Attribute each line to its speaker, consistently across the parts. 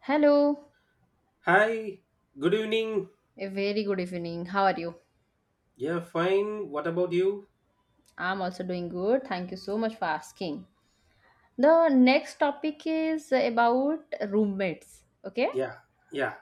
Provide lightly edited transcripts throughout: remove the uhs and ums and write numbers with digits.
Speaker 1: Hello,
Speaker 2: Hi, good evening.
Speaker 1: a very good evening. How are you?
Speaker 2: Yeah, fine. What about you?
Speaker 1: I'm also doing good. Thank you so much for asking. The next topic is about roommates. Okay.
Speaker 2: Yeah, yeah,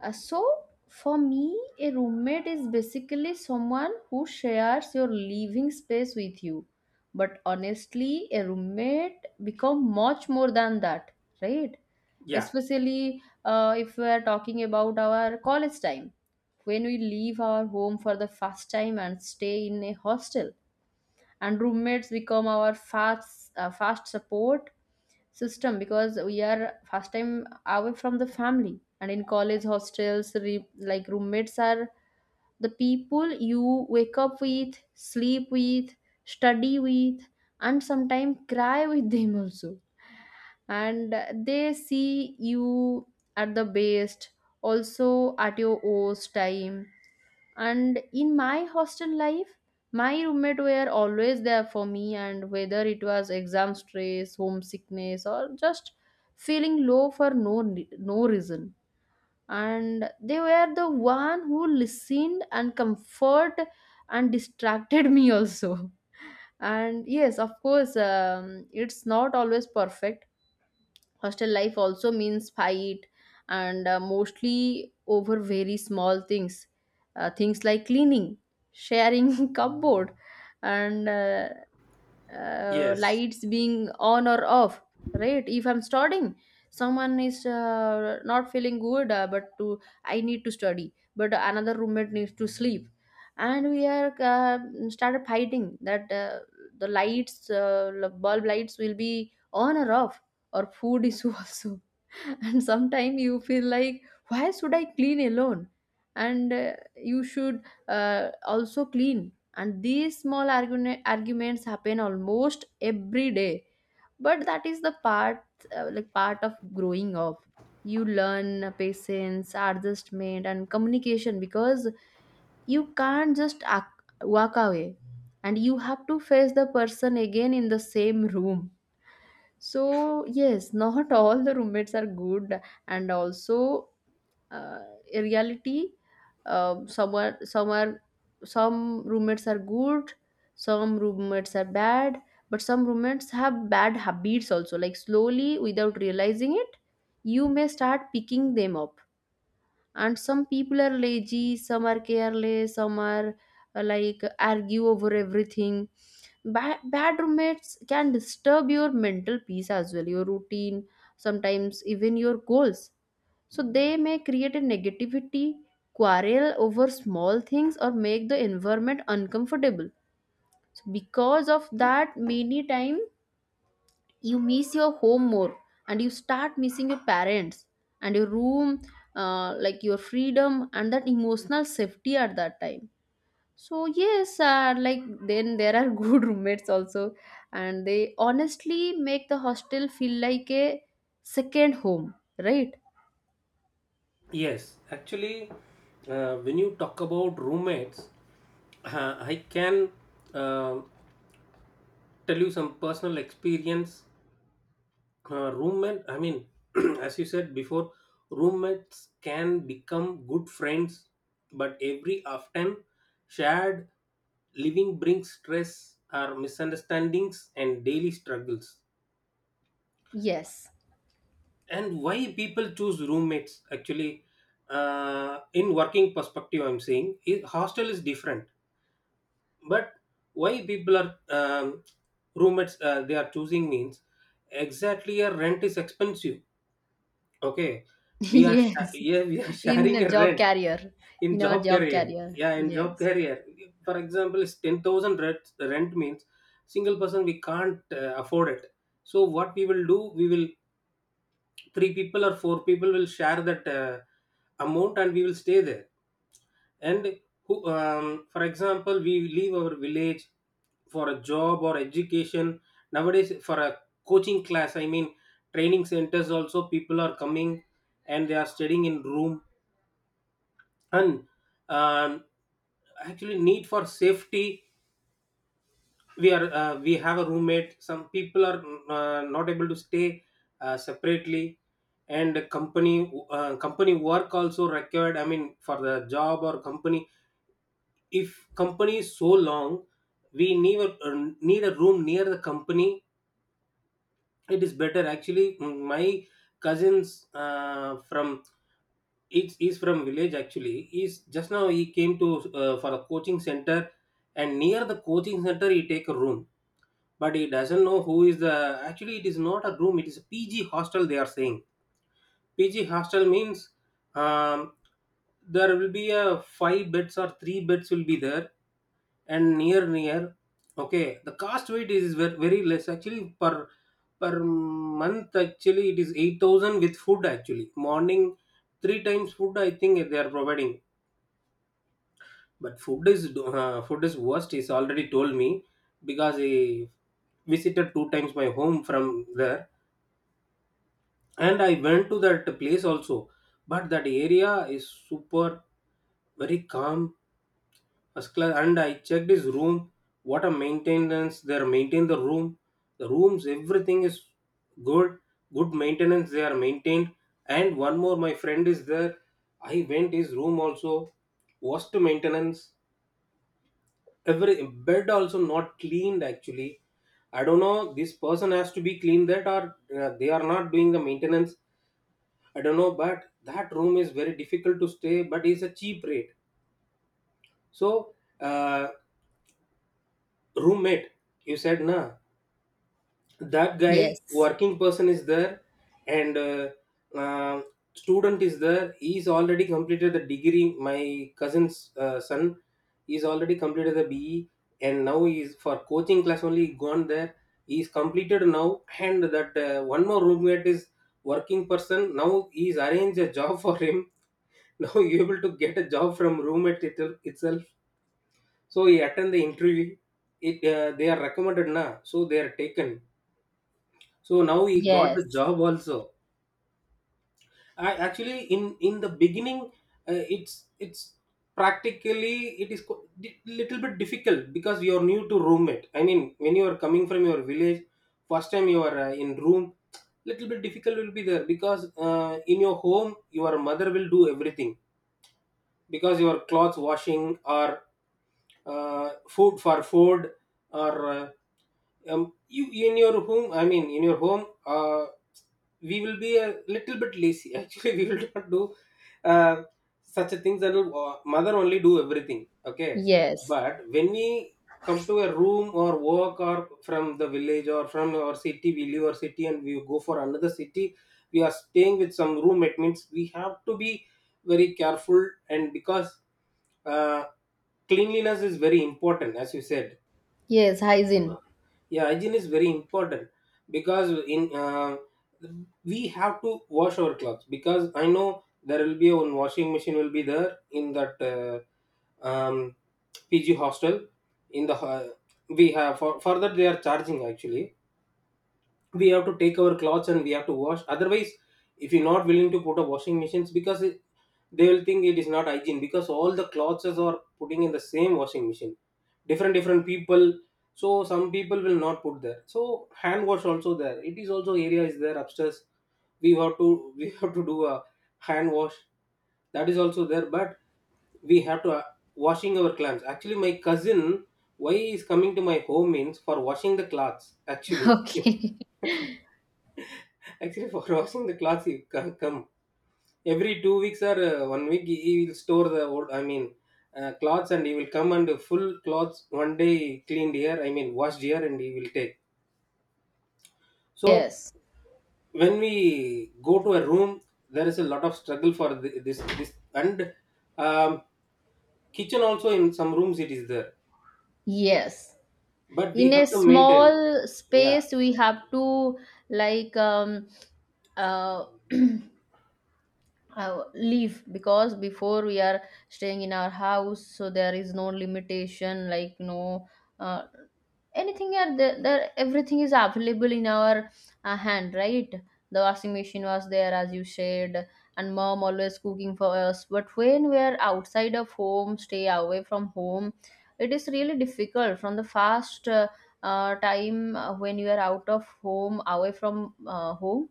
Speaker 1: Uh, so, for me, a roommate is basically someone who shares your living space with you. But honestly, a roommate become much more than that, right?
Speaker 2: yeah.
Speaker 1: Especially if we are talking about our college time, when we leave our home for the first time and stay in a hostel, and roommates become our fast, fast support system because we are first time away from the family, and in college hostels like roommates are the people you wake up with, sleep with, study with, and sometimes cry with them also, and they see you at the best, also at your worst time. And in my hostel life, my roommate were always there for me, and whether it was exam stress, homesickness, or just feeling low for no reason, and they were the one who listened and comfort and distracted me also. And yes, of course, it's not always perfect. Hostel life also means fight, and mostly over very small things, things like cleaning, sharing cupboard, and
Speaker 2: Yes,
Speaker 1: lights being on or off. Right, if I'm studying, someone is not feeling good, but to I need to study but another roommate needs to sleep, and we are started fighting that the lights bulb lights will be on or off, or food is also. And sometimes you feel like why should I clean alone, and you should uh, also clean. And these arguments happen almost every day, but that is the part, like part of growing up. You learn patience, adjustment and communication, because you can't just walk away, and you have to face the person again in the same room. So, yes, not all the roommates are good, and also, uh, in reality, um, some roommates are good, some roommates are bad, but some roommates have bad habits also. Like slowly, without realizing it, you may start picking them up. And some people are lazy, some are careless, some are like argue over everything. Bad roommates can disturb your mental peace as well your routine, sometimes even your goals. So they may create a negativity, quarrel over small things or make the environment uncomfortable. So because of that, many times you miss your home more, and you start missing your parents and your room, like your freedom and that emotional safety at that time. So yes, like then there are good roommates also, and they honestly make the hostel feel like a second home, right?
Speaker 2: yes. Actually, when you talk about roommates, I can uh, tell you some personal experience. Roommate, I mean, as you said before, roommates can become good friends, but every often shared living brings stress or misunderstandings and daily struggles.
Speaker 1: Yes.
Speaker 2: And why people choose roommates actually, in working perspective I'm saying, is hostel is different, but why people are, roommates, they are choosing means, exactly, a rent is expensive. Okay,
Speaker 1: Yes.
Speaker 2: yeah, we are
Speaker 1: In
Speaker 2: sharing
Speaker 1: a
Speaker 2: a
Speaker 1: job
Speaker 2: rent.
Speaker 1: career.
Speaker 2: In
Speaker 1: In our
Speaker 2: job
Speaker 1: job
Speaker 2: career,
Speaker 1: career.
Speaker 2: yeah, in job
Speaker 1: Yes.
Speaker 2: career, for example, it's 10,000 rent means single person we can't afford it. So what we will do, we will, three people or four people will share that amount and we will stay there. And who, for example, we leave our village for a job or education. Nowadays for a coaching class, I mean, training centers also people are coming and they are studying in room. And, um, actually need for safety, we are, we have a roommate. Some people are not able to stay separately. And company, company work also required, I mean for the job or company. If company is so long, we need a, need a room near the company. It is better actually. My cousins, from, it's is from village actually. Is just now he came to, for a coaching center, and near the coaching center he take a room. But he doesn't know who is the, actually it is not a room, it is a PG hostel they are saying. PG hostel means, um, there will be a five beds or three beds will be there. And near, okay, the cost weight is very, very less actually. Per per month actually it is 8,000 with food. Actually morning three times food I think they are providing, but food is food is worst. He's already told me because he visited two times my home from there, and I went to that place also. But that area is super, very calm, first class. And I checked his room. What a maintenance! They are maintain the room. The rooms, everything is good. Good maintenance. They are maintained. And one more, my friend is there. I went his room also. Worst maintenance, every bed also not cleaned actually. I don't know this person has to be cleaned that, or they are not doing the maintenance. I don't know, but that room is very difficult to stay, but it's a cheap rate. So, uh, roommate, you said na, that guy
Speaker 1: Yes.
Speaker 2: working person is there. And uh, student is there. He's already completed the degree, my cousin's son. He's already completed the BE, and now he's for coaching class only gone there. He's completed now, and that one more roommate is working person. Now he's arranged a job for him. Now you able to get a job from roommate itself. So he attend the interview. It, they are recommended na. So they are taken, so now he got the
Speaker 1: Yes.
Speaker 2: job also. I, actually, in the beginning, it's practically, it is little bit difficult, because you're new to roommate, I mean, when you are coming from your village first time, you are in room, little bit difficult will be there, because, in your home, your mother will do everything, because your clothes washing or food for food, or you in your home, I mean, in your home, we will be a little bit lazy actually, we will not do uh, such a things. That will, mother only do everything. Okay,
Speaker 1: Yes.
Speaker 2: but when we come to a room or work, or from the village, or from our city, we leave our city and we go for another city. We are staying with some roommate means we have to be very careful, and because, uh, cleanliness is very important, as you said.
Speaker 1: Yes, hygiene.
Speaker 2: Yeah, hygiene is very important, because in, we have to wash our clothes. Because I know, there will be one washing machine will be there in that, um, PG hostel. in the ho- we have, for that they are charging actually. We have to take our clothes and we have to wash, otherwise, if you're not willing to put a washing machines, because it, they will think it is not hygiene, because all the clothes are putting in the same washing machine, different different people. So some people will not put there. So hand wash also there, it is also, area is there upstairs. We have to we have to do a hand wash. That is also there. But we have to washing our clothes. Actually my cousin why is coming to my home means for washing the clothes actually.
Speaker 1: Okay.
Speaker 2: Actually, for washing the clothes, he come every 2 weeks or one week. He will store the old, I mean, clothes, and he will come, and full clothes one day cleaned here, I mean, washed here, and he will take. So
Speaker 1: Yes.
Speaker 2: when we go to a room, there is a lot of struggle for this and, um, kitchen also in some rooms it is there,
Speaker 1: Yes.
Speaker 2: but we
Speaker 1: In a
Speaker 2: have to maintain.
Speaker 1: small
Speaker 2: Yeah.
Speaker 1: space, we have to like uh, leave, because before we are staying in our house, so there is no limitation, like no uh, anything are there, there everything is available in our hand, right? The washing machine was there, as you said, and mom always cooking for us. But when we are outside of home, stay away from home, it is really difficult. From the fast time, when you are out of home, away from home,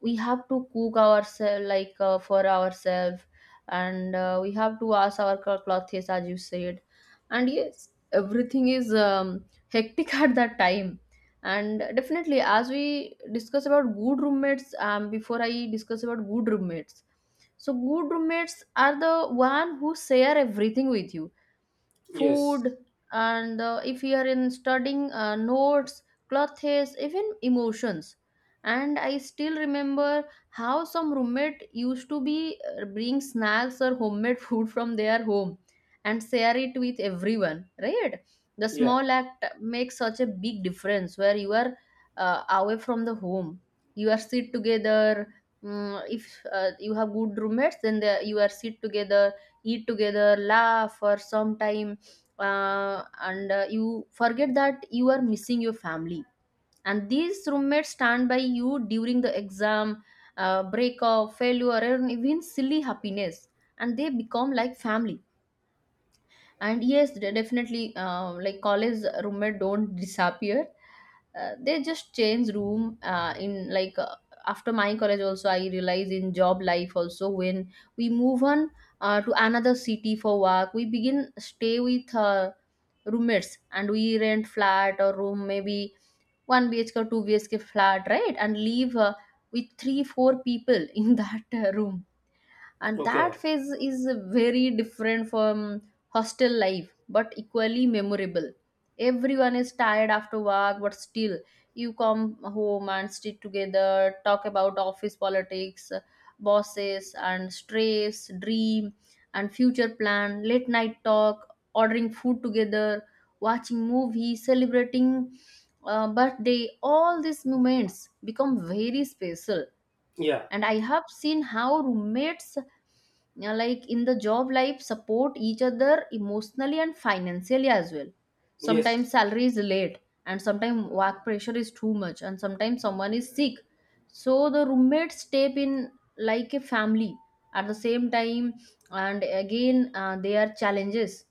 Speaker 1: we have to cook ourselves, like for ourselves. And we have to wash our clothes, as you said. And yes, everything is hectic at that time. And definitely, as we discuss about good roommates, before I discuss about good roommates, so good roommates are the one who share everything with you:
Speaker 2: Yes.
Speaker 1: food, and if we are in studying, notes, clothes, even emotions. And I still remember how some roommate used to be bring snacks or homemade food from their home and share it with everyone, right? The
Speaker 2: Yeah.
Speaker 1: small act makes such a big difference where you are away from the home. You are sit together. Mm, if you have good roommates, then they, you are sit together, eat together, laugh, or sometime and you forget that you are missing your family. And these roommates stand by you during the exam, break off failure and even silly happiness, and they become like family. And yes, definitely, like college roommate don't disappear, they just change room, in like after my college also I realize in job life also, when we move on to another city for work, we begin stay with roommates, and we rent flat or room, maybe 1 bhk or 2 bhk flat, right? And leave with 3, 4 people in that room. And that
Speaker 2: Okay.
Speaker 1: phase is very different from hostel life, but equally memorable. Everyone is tired after work, but still you come home and sit together, talk about office politics, bosses and stress, dream and future plan, late night talk, ordering food together, watching movies, celebrating birthday. All these moments become very special.
Speaker 2: Yeah.
Speaker 1: And I have seen how roommates like in the job life support each other emotionally and financially as well. Sometimes
Speaker 2: Yes.
Speaker 1: salary is late, and sometimes work pressure is too much, and sometimes someone is sick, so the roommates step in like a family at the same time. And again, there are challenges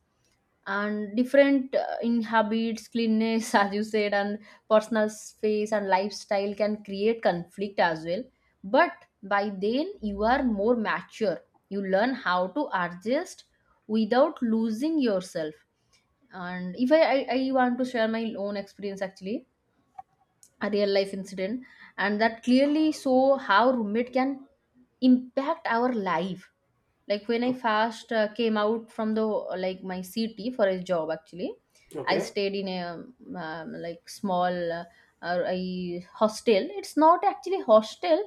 Speaker 1: and different in habits, cleanness as you said, and personal space and lifestyle can create conflict as well. But by then you are more mature, you learn how to adjust without losing yourself. And if I I want to share my own experience actually, a real life incident, and that clearly show how roommate can impact our life. Like when I first came out from the like my city for a job actually, I
Speaker 2: Okay.
Speaker 1: stayed in a like small a hostel. It's not actually hostel,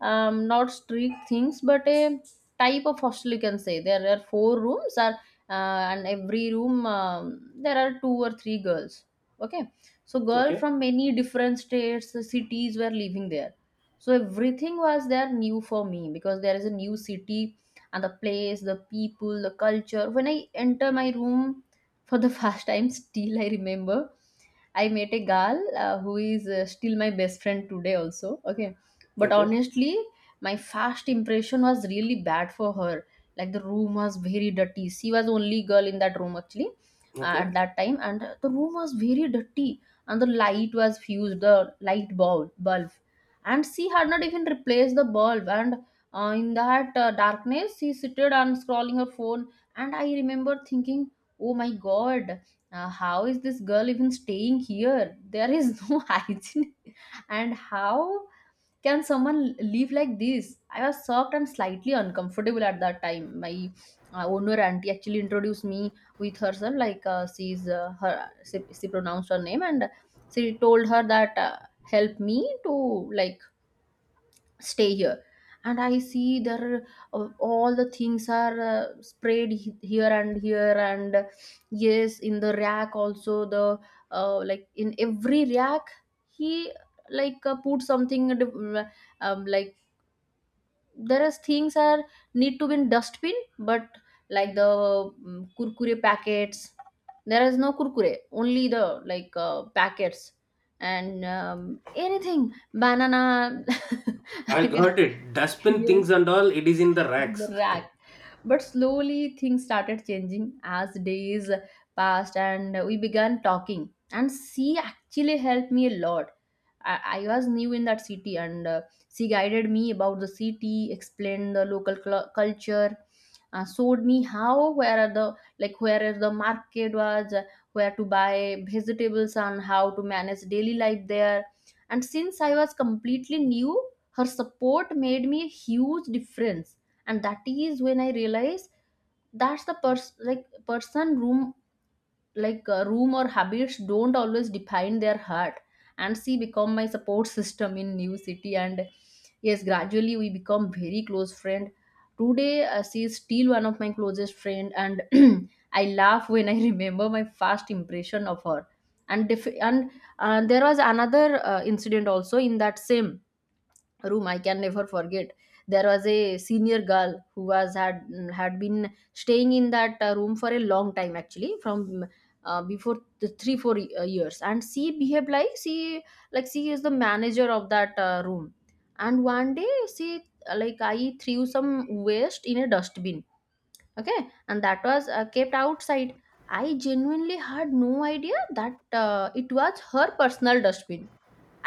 Speaker 1: not strict things, but a type of hostel you can say. There are four rooms are and every room there are two or three girls. Okay. So girl
Speaker 2: Okay.
Speaker 1: from many different states, cities were living there. So everything was there new for me, because there is a new city and the place, the people, the culture. When I enter my room for the first time, still I remember I met a girl who is still my best friend today, also. Okay. But
Speaker 2: Okay.
Speaker 1: honestly, my first impression was really bad for her. Like the room was very dirty. She was only girl in that room actually, at
Speaker 2: Okay.
Speaker 1: that time, and the room was very dirty. And the light was fused, bulb, and she had not even replaced the bulb. And in that darkness, she seated and scrolling her phone, and I remember thinking, "Oh my God, how is this girl even staying here? There is no hygiene, and how can someone live like this?" I was shocked and slightly uncomfortable at that time. My owner auntie actually introduced me with herself, like she pronounced her name, and she told her that help me to like stay here. And I see there are, all the things are sprayed here and here, and yes, in the rack also, the like in every rack he like put something like there is things are need to be in dustbin, but like the mm, kurkure packets. There is no kurkure, only the like packets, and anything, banana.
Speaker 2: I got it. Dustbin
Speaker 1: Yes.
Speaker 2: things and all, it is in the racks.
Speaker 1: Right. But slowly things started changing as days passed, and we began talking. And she actually helped me a lot. I was new in that city, and she guided me about the city, explained the local culture, showed me how where are the like where is the market was, where to buy vegetables and how to manage daily life there. And since I was completely new, her support made me a huge difference, and that is when I realize that's the person, like, person room, like, room or habits don't always define their heart. And she become my support system in new city. And yes, gradually we become very close friend. Today, she is still one of my closest friend, and I laugh when I remember my first impression of her. And there was another incident also in that same room I can never forget. There was a senior girl who was had had been staying in that room for a long time, actually from before the 3 4 years. And she behaved like she is the manager of that room. And one day she like I threw some waste in a dustbin. Okay. And that was kept outside. I genuinely had no idea that it was her personal dustbin.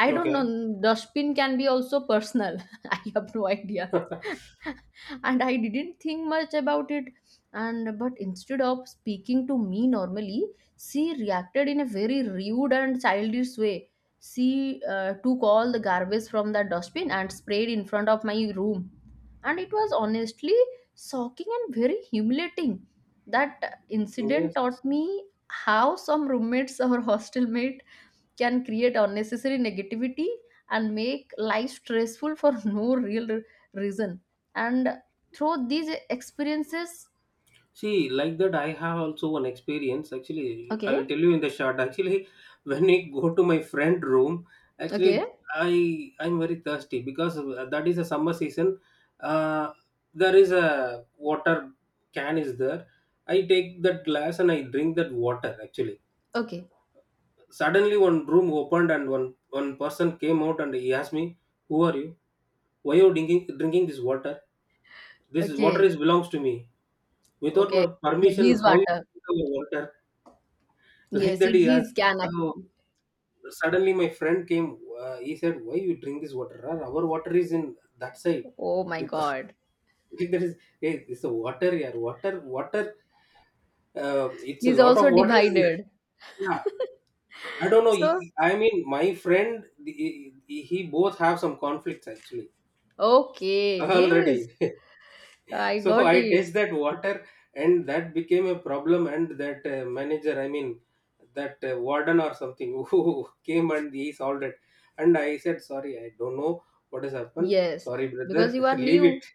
Speaker 1: I don't
Speaker 2: Okay.
Speaker 1: know. Dustbin can be also personal. I have no idea. And I didn't think much about it. And but instead of speaking to me normally, she reacted in a very rude and childish way. She took all the garbage from the dustbin and sprayed in front of my room. And it was honestly shocking and very humiliating. That incident
Speaker 2: Yes.
Speaker 1: taught me how some roommates or hostel mate can create unnecessary negativity and make life stressful for no real reason. And through these experiences.
Speaker 2: See, like that, I have also one experience. Actually, I
Speaker 1: Okay.
Speaker 2: will tell you in the short. Actually, when I go to my friend room,
Speaker 1: Okay.
Speaker 2: actually, I'm very thirsty because that is a summer season. Uh, there is a water can is there. I take that glass and I drink that water. Actually,
Speaker 1: Okay.
Speaker 2: suddenly one room opened and one person came out and he asked me, "Who are you? Why you drinking this water? This water
Speaker 1: Okay.
Speaker 2: is belongs to me. Without my
Speaker 1: Okay. So,
Speaker 2: permission,
Speaker 1: he's
Speaker 2: how you
Speaker 1: water.
Speaker 2: drink our water?" Like
Speaker 1: Yes,
Speaker 2: that
Speaker 1: it
Speaker 2: he
Speaker 1: he's
Speaker 2: asked.
Speaker 1: can
Speaker 2: Uh,
Speaker 1: actually.
Speaker 2: Suddenly my friend came. He said, "Why you drink this water? Our water is in that side.
Speaker 1: Oh my
Speaker 2: You can't
Speaker 1: God.
Speaker 2: drink that is, hey, it's a water here. Water, water. It's a
Speaker 1: He's
Speaker 2: lot of
Speaker 1: also
Speaker 2: water is
Speaker 1: divided.
Speaker 2: there." Yeah, I don't know.
Speaker 1: So.
Speaker 2: I mean, my friend, he, he both have some conflicts actually
Speaker 1: Okay. Yes,
Speaker 2: already.
Speaker 1: I
Speaker 2: So
Speaker 1: got
Speaker 2: I
Speaker 1: it.
Speaker 2: taste that water and that became a problem. And that, manager, I mean that, warden or something who came and he solved it. And I said sorry, I don't know what has happened.
Speaker 1: Yes,
Speaker 2: Sorry brother,
Speaker 1: because you are
Speaker 2: leave
Speaker 1: new.
Speaker 2: it.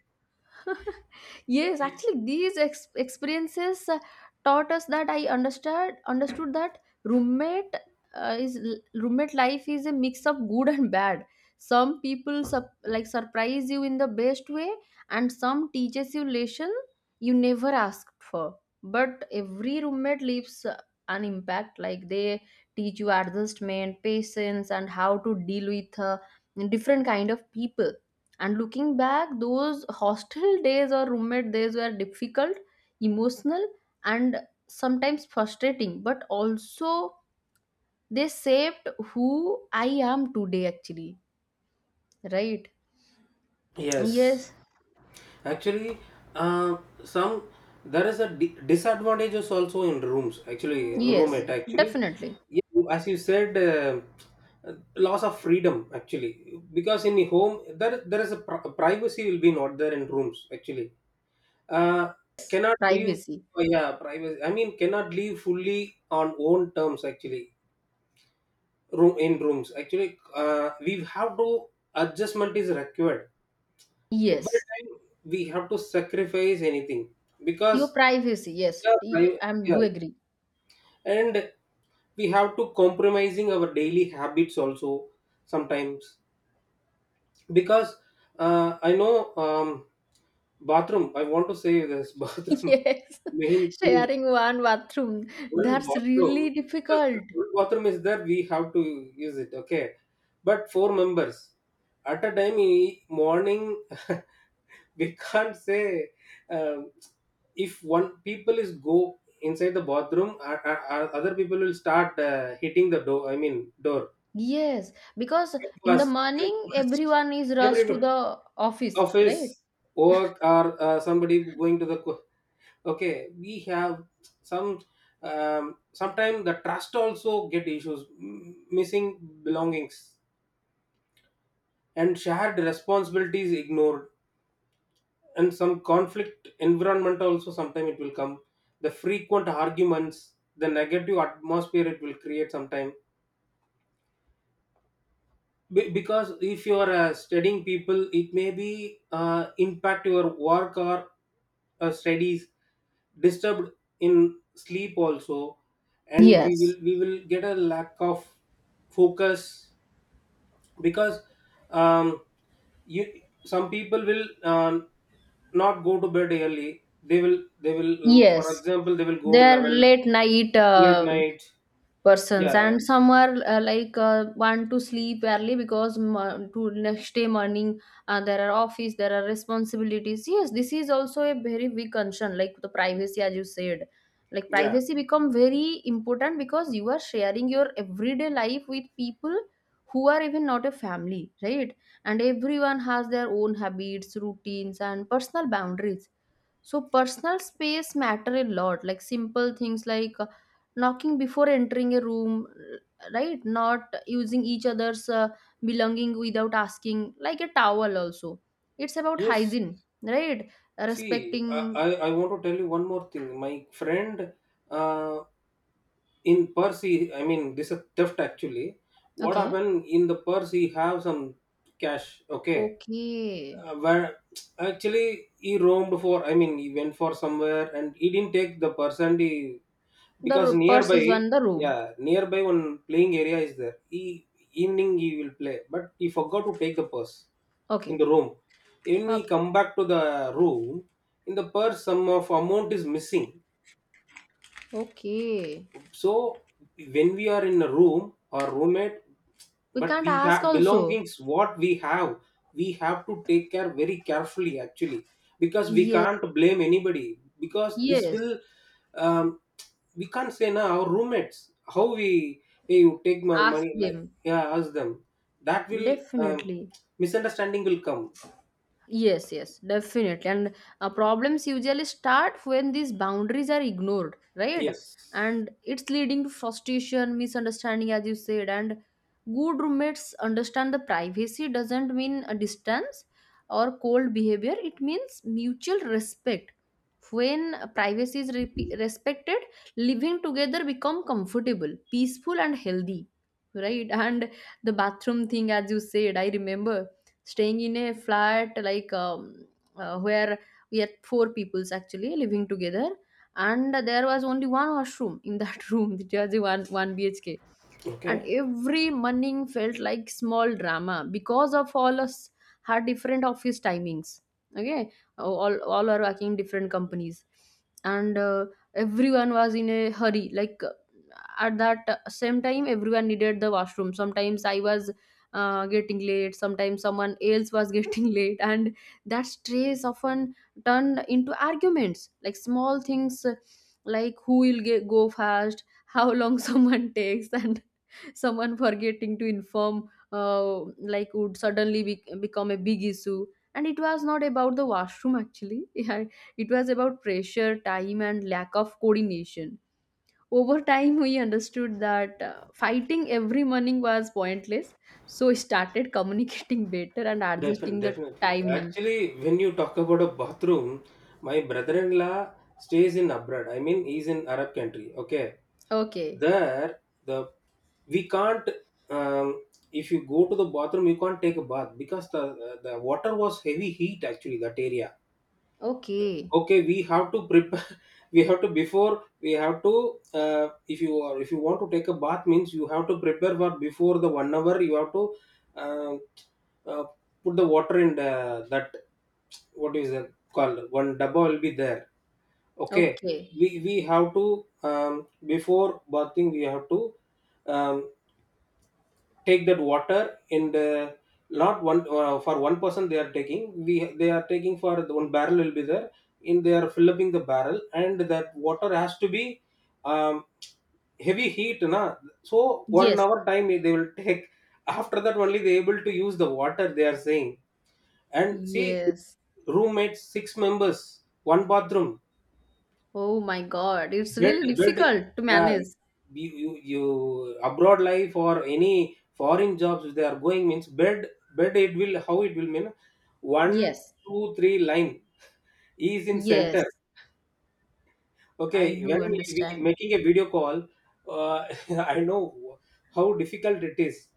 Speaker 1: Yes, actually, these experiences taught us that I understood that roommate is roommate life is a mix of good and bad. Some people like surprise you in the best way, and some teaches you lesson you never asked for. But every roommate leaves an impact. Like they teach you adjustment, patience, and how to deal with different kind of people. And looking back, those hostel days or roommate days were difficult, emotional, and sometimes frustrating, but also they shaped who I am today, actually. Right?
Speaker 2: Yes,
Speaker 1: Yes,
Speaker 2: actually, uh, some, there is a disadvantage is also in rooms. Actually,
Speaker 1: yes,
Speaker 2: roommate. Actually,
Speaker 1: definitely.
Speaker 2: you- as you said, loss of freedom. Actually, because in the home there is a privacy will be not there in rooms. Actually, uh, cannot leave.
Speaker 1: Privacy.
Speaker 2: Oh, yeah, privacy. I mean, cannot leave fully on own terms. Actually, room, in rooms. Actually, we have to, adjustment is required every
Speaker 1: Yes.
Speaker 2: time. We have to sacrifice anything,
Speaker 1: Your
Speaker 2: because,
Speaker 1: privacy. Yes.
Speaker 2: yeah,
Speaker 1: I
Speaker 2: I-
Speaker 1: am do
Speaker 2: yeah.
Speaker 1: agree.
Speaker 2: And we have to compromising our daily habits also sometimes, because, I know, bathroom. I want to say this bathroom
Speaker 1: Yes.
Speaker 2: main thing,
Speaker 1: Sharing one bathroom.
Speaker 2: one
Speaker 1: That's
Speaker 2: bathroom,
Speaker 1: really
Speaker 2: because the
Speaker 1: difficult.
Speaker 2: one bathroom is there. We have to use it. Okay, but four members at a time. Morning we can't say, um, if one people is go inside the bathroom, other people will start hitting the door, I mean door.
Speaker 1: Yes, because
Speaker 2: Come
Speaker 1: in the
Speaker 2: first, come
Speaker 1: morning
Speaker 2: first.
Speaker 1: everyone is
Speaker 2: Every
Speaker 1: rushed to the office, right?
Speaker 2: office work or somebody going to the okay, we have some, sometimes the trust also get issues, missing belongings and shared responsibilities ignored, and some conflict environment also sometime it will come, the frequent arguments, the negative atmosphere it will create sometime. Because if you are studying people, it may be impact your work or studies disturbed in sleep also. And we will
Speaker 1: Yes.
Speaker 2: we will get a lack of focus, because um, you, some people will not go to bed early. They will, for
Speaker 1: Yes.
Speaker 2: example, they will go
Speaker 1: Their
Speaker 2: 11
Speaker 1: late night,
Speaker 2: late night.
Speaker 1: persons,
Speaker 2: Yeah,
Speaker 1: and some are like want to sleep early because to next day morning, there are office, there are responsibilities. Yes, this is also a very big concern, like the privacy as you said. Like
Speaker 2: yeah,
Speaker 1: privacy become very important because you are sharing your everyday life with people who are even not a family, right? And everyone has their own habits, routines, and personal boundaries. So personal space matter a lot, like simple things like knocking before entering a room, right? Not using each other's belonging without asking, like a towel also. It's about
Speaker 2: yes.
Speaker 1: hygiene, right?
Speaker 2: See,
Speaker 1: Respecting.
Speaker 2: I want to tell you one more thing my friend. uh, in purse he, I mean, this is theft actually. What
Speaker 1: Okay,
Speaker 2: happened, in the purse he have some cash. Okay.
Speaker 1: okay.
Speaker 2: Where actually he roamed for, I mean he went for somewhere and he didn't take the person he,
Speaker 1: The
Speaker 2: because
Speaker 1: purse
Speaker 2: nearby.
Speaker 1: is on the room.
Speaker 2: Yeah, nearby one playing area is there. He evening he will play, but he forgot to take the purse in
Speaker 1: Okay,
Speaker 2: the room. When he
Speaker 1: okay,
Speaker 2: come back to the room, in the purse some of amount is missing.
Speaker 1: okay.
Speaker 2: So when we are in a room or roommate,
Speaker 1: We
Speaker 2: but
Speaker 1: can't
Speaker 2: we
Speaker 1: ask
Speaker 2: have
Speaker 1: also.
Speaker 2: belongings what we have, we have to take care very carefully actually, because we
Speaker 1: Yes,
Speaker 2: can't blame anybody. Because this
Speaker 1: yes.
Speaker 2: will um, we can't say now our roommates how we, hey you take my
Speaker 1: Ask
Speaker 2: money, like,
Speaker 1: them,
Speaker 2: yeah ask them, that will um,
Speaker 1: definitely.
Speaker 2: misunderstanding will come.
Speaker 1: Yes, yes, definitely. And problems usually start when these boundaries are ignored, right?
Speaker 2: Yes.
Speaker 1: And it's leading to frustration, misunderstanding, as you said. And good roommates understand the privacy doesn't mean a distance or cold behavior, it means mutual respect. When privacy is respected, living together become comfortable, peaceful, and healthy, right? And the bathroom thing, as you said, I remember staying in a flat like where we had four peoples actually living together, and there was only one washroom in that room. It was a one bhk, and
Speaker 2: Okay.
Speaker 1: every morning felt like small drama because of all us had different office timings. Okay, all are working in different companies. And everyone was in a hurry, like at that same time everyone needed the washroom. Sometimes I was getting late, sometimes someone else was getting late, and that stress often turned into arguments, like small things like who will get go first, how long someone takes, and someone forgetting to inform, like would suddenly become a big issue. And it was not about the washroom actually. Yeah, it was about pressure time and lack of coordination. Over time, he understood that fighting every morning was pointless, so he started communicating better and
Speaker 2: Definitely,
Speaker 1: adjusting the
Speaker 2: definitely.
Speaker 1: timing.
Speaker 2: Actually, when you talk about a bathroom, my brother-in-law stays in abroad. I mean, he's in Arab country. Okay,
Speaker 1: Okay,
Speaker 2: there the we can't. Um, if you go to the bathroom, you can't take a bath because the water was heavy heat actually that area.
Speaker 1: okay,
Speaker 2: Okay, we have to prepare. We have to before we have to if you are if you want to take a bath means you have to prepare for before the 1 hour you have to uh, uh, put the water in the, that what is it called, one double will be there. Okay,
Speaker 1: okay.
Speaker 2: we have to, before bathing we have to um, take that water, and not one for one person they are taking, we, they are taking for the one barrel will be there, and they are filling the barrel, and that water has to be um, heavy heat na, so one
Speaker 1: Yes,
Speaker 2: hour time they will take. After that only they able to use the water they are saying. And see,
Speaker 1: yes.
Speaker 2: roommates 6 members, one bathroom.
Speaker 1: Oh my God, it's
Speaker 2: but
Speaker 1: really
Speaker 2: but
Speaker 1: difficult to
Speaker 2: yeah,
Speaker 1: manage.
Speaker 2: you abroad life or any foreign jobs if they are going means bed bed it will how it will mean one
Speaker 1: Yes,
Speaker 2: two three line is in center.
Speaker 1: yes, I
Speaker 2: Okay, when
Speaker 1: do
Speaker 2: we
Speaker 1: understand.
Speaker 2: making a video call, uh, I know how difficult it is.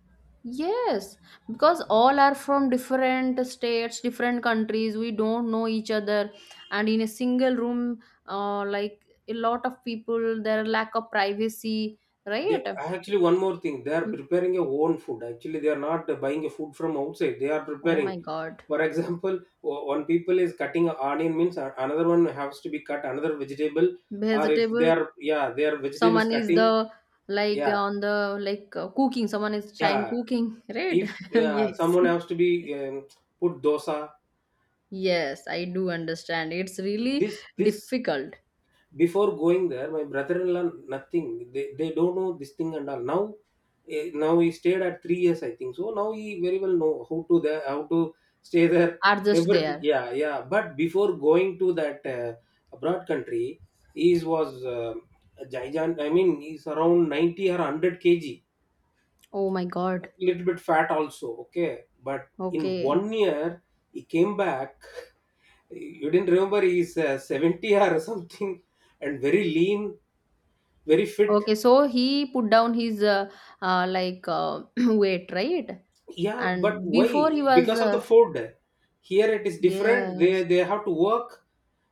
Speaker 1: Yes, because all are from different states, different countries. We don't know each other, and in a single room, like a lot of people, there are lack of privacy, right?
Speaker 2: Actually, one more thing, they are
Speaker 1: Mm.
Speaker 2: preparing your own food. Actually, they are not buying a food from outside. They are
Speaker 1: Oh my
Speaker 2: preparing.
Speaker 1: God,
Speaker 2: For example, one people is cutting an onion, means another one has to be cut another vegetable, or if they
Speaker 1: vegetable.
Speaker 2: are, yeah, they are vegetables
Speaker 1: Someone is
Speaker 2: cutting.
Speaker 1: the like
Speaker 2: Yeah,
Speaker 1: on the like cooking. Someone is trying
Speaker 2: yeah.
Speaker 1: cooking, right?
Speaker 2: If
Speaker 1: Yes,
Speaker 2: someone has to be um, put dosa,
Speaker 1: yes, I do understand. It's really
Speaker 2: this.
Speaker 1: difficult.
Speaker 2: Before going there, my brother-in-law, nothing. They don't know this thing and all. Now, now he stayed at 3 years, I think. So now he very well know how to there, how to stay there,
Speaker 1: Are just
Speaker 2: everything.
Speaker 1: there.
Speaker 2: Yeah, yeah. But before going to that abroad country, he was a giant. I mean, he's around 90 or 100 kg.
Speaker 1: Oh my
Speaker 2: A
Speaker 1: God.
Speaker 2: little bit fat also. Okay, but in
Speaker 1: Okay.
Speaker 2: 1 year he came back. You didn't remember, he's 70 or something, and very lean, very fit.
Speaker 1: Okay, so he put down his like weight, right?
Speaker 2: Yeah, but
Speaker 1: And
Speaker 2: why?
Speaker 1: before he was
Speaker 2: Because of the food here it is different, they
Speaker 1: yes,
Speaker 2: they have to work,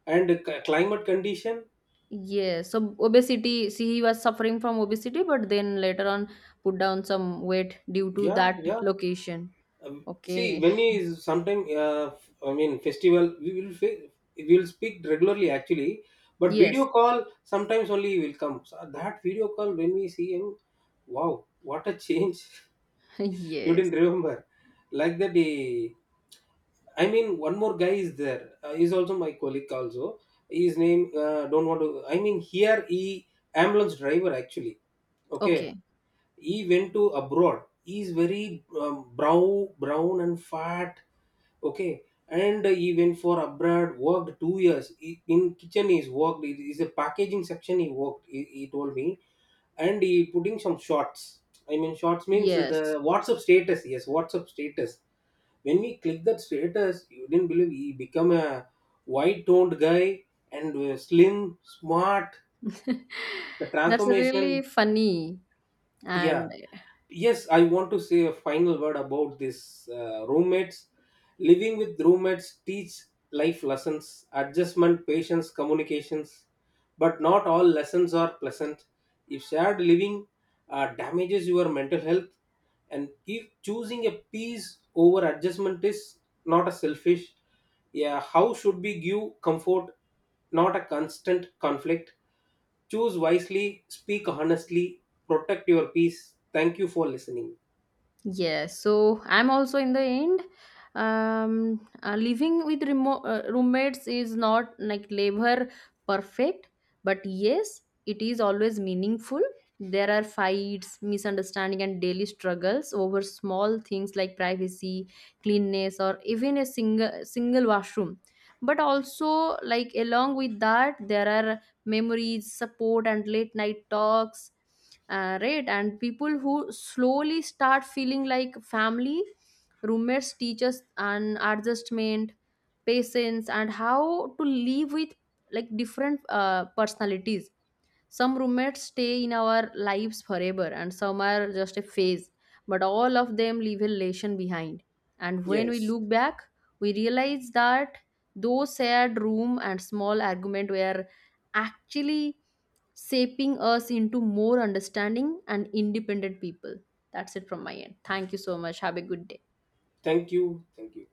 Speaker 2: and climate condition.
Speaker 1: yes. So obesity, see, he was suffering from obesity, but then later on put down some weight due to
Speaker 2: Yeah,
Speaker 1: that
Speaker 2: yeah.
Speaker 1: location.
Speaker 2: See,
Speaker 1: Okay.
Speaker 2: when is sometime I mean, festival we will speak regularly actually, but video
Speaker 1: Yes.
Speaker 2: call sometimes only will come, so that video call when we see him, wow, what a change. You
Speaker 1: Yes.
Speaker 2: didn't remember like that he, I mean, one more guy is there. He's also my colleague. Also, his name don't want to, I mean, here he ambulance driver actually. Okay,
Speaker 1: Okay.
Speaker 2: he went to abroad. He's very, brown, brown and fat. Okay, and he went for abroad. Worked 2 years he, in kitchen. He's worked. It is a packaging section. He worked. He told me, and he putting some shots. I mean, shots means
Speaker 1: Yes.
Speaker 2: the WhatsApp status. Yes, WhatsApp status, when we click that status, you didn't believe he become a white toned guy, and slim, smart, the
Speaker 1: That's really
Speaker 2: transformation.
Speaker 1: funny.
Speaker 2: Yeah,
Speaker 1: And
Speaker 2: yes, I want to say a final word about this roommates. Living with roommates teach life lessons, adjustment, patience, communications, but not all lessons are pleasant. If shared living damages your mental health, and if choosing a peace over adjustment is not a selfish, yeah, how should we give comfort, not a constant conflict. Choose wisely, speak honestly, protect your peace. Thank you for listening.
Speaker 1: yes, so I'm also in the end. Living with roommates is not like labor perfect, but yes, it is always meaningful. There are fights, misunderstanding, and daily struggles over small things like privacy, cleanness, or even a single washroom. But also, like along with that, there are memories, support, and late night talks, right, and people who slowly start feeling like family. Roommates teachers and adjustment, patience, and how to live with like different personalities. Some roommates stay in our lives forever, and some are just a phase, but all of them leave a lesson behind. And when we
Speaker 2: Yes.
Speaker 1: look back, we realize that those shared room and small argument were actually shaping us into more understanding and independent people. That's it from my end. Thank you so much. Have a good day.
Speaker 2: Thank you. Thank you.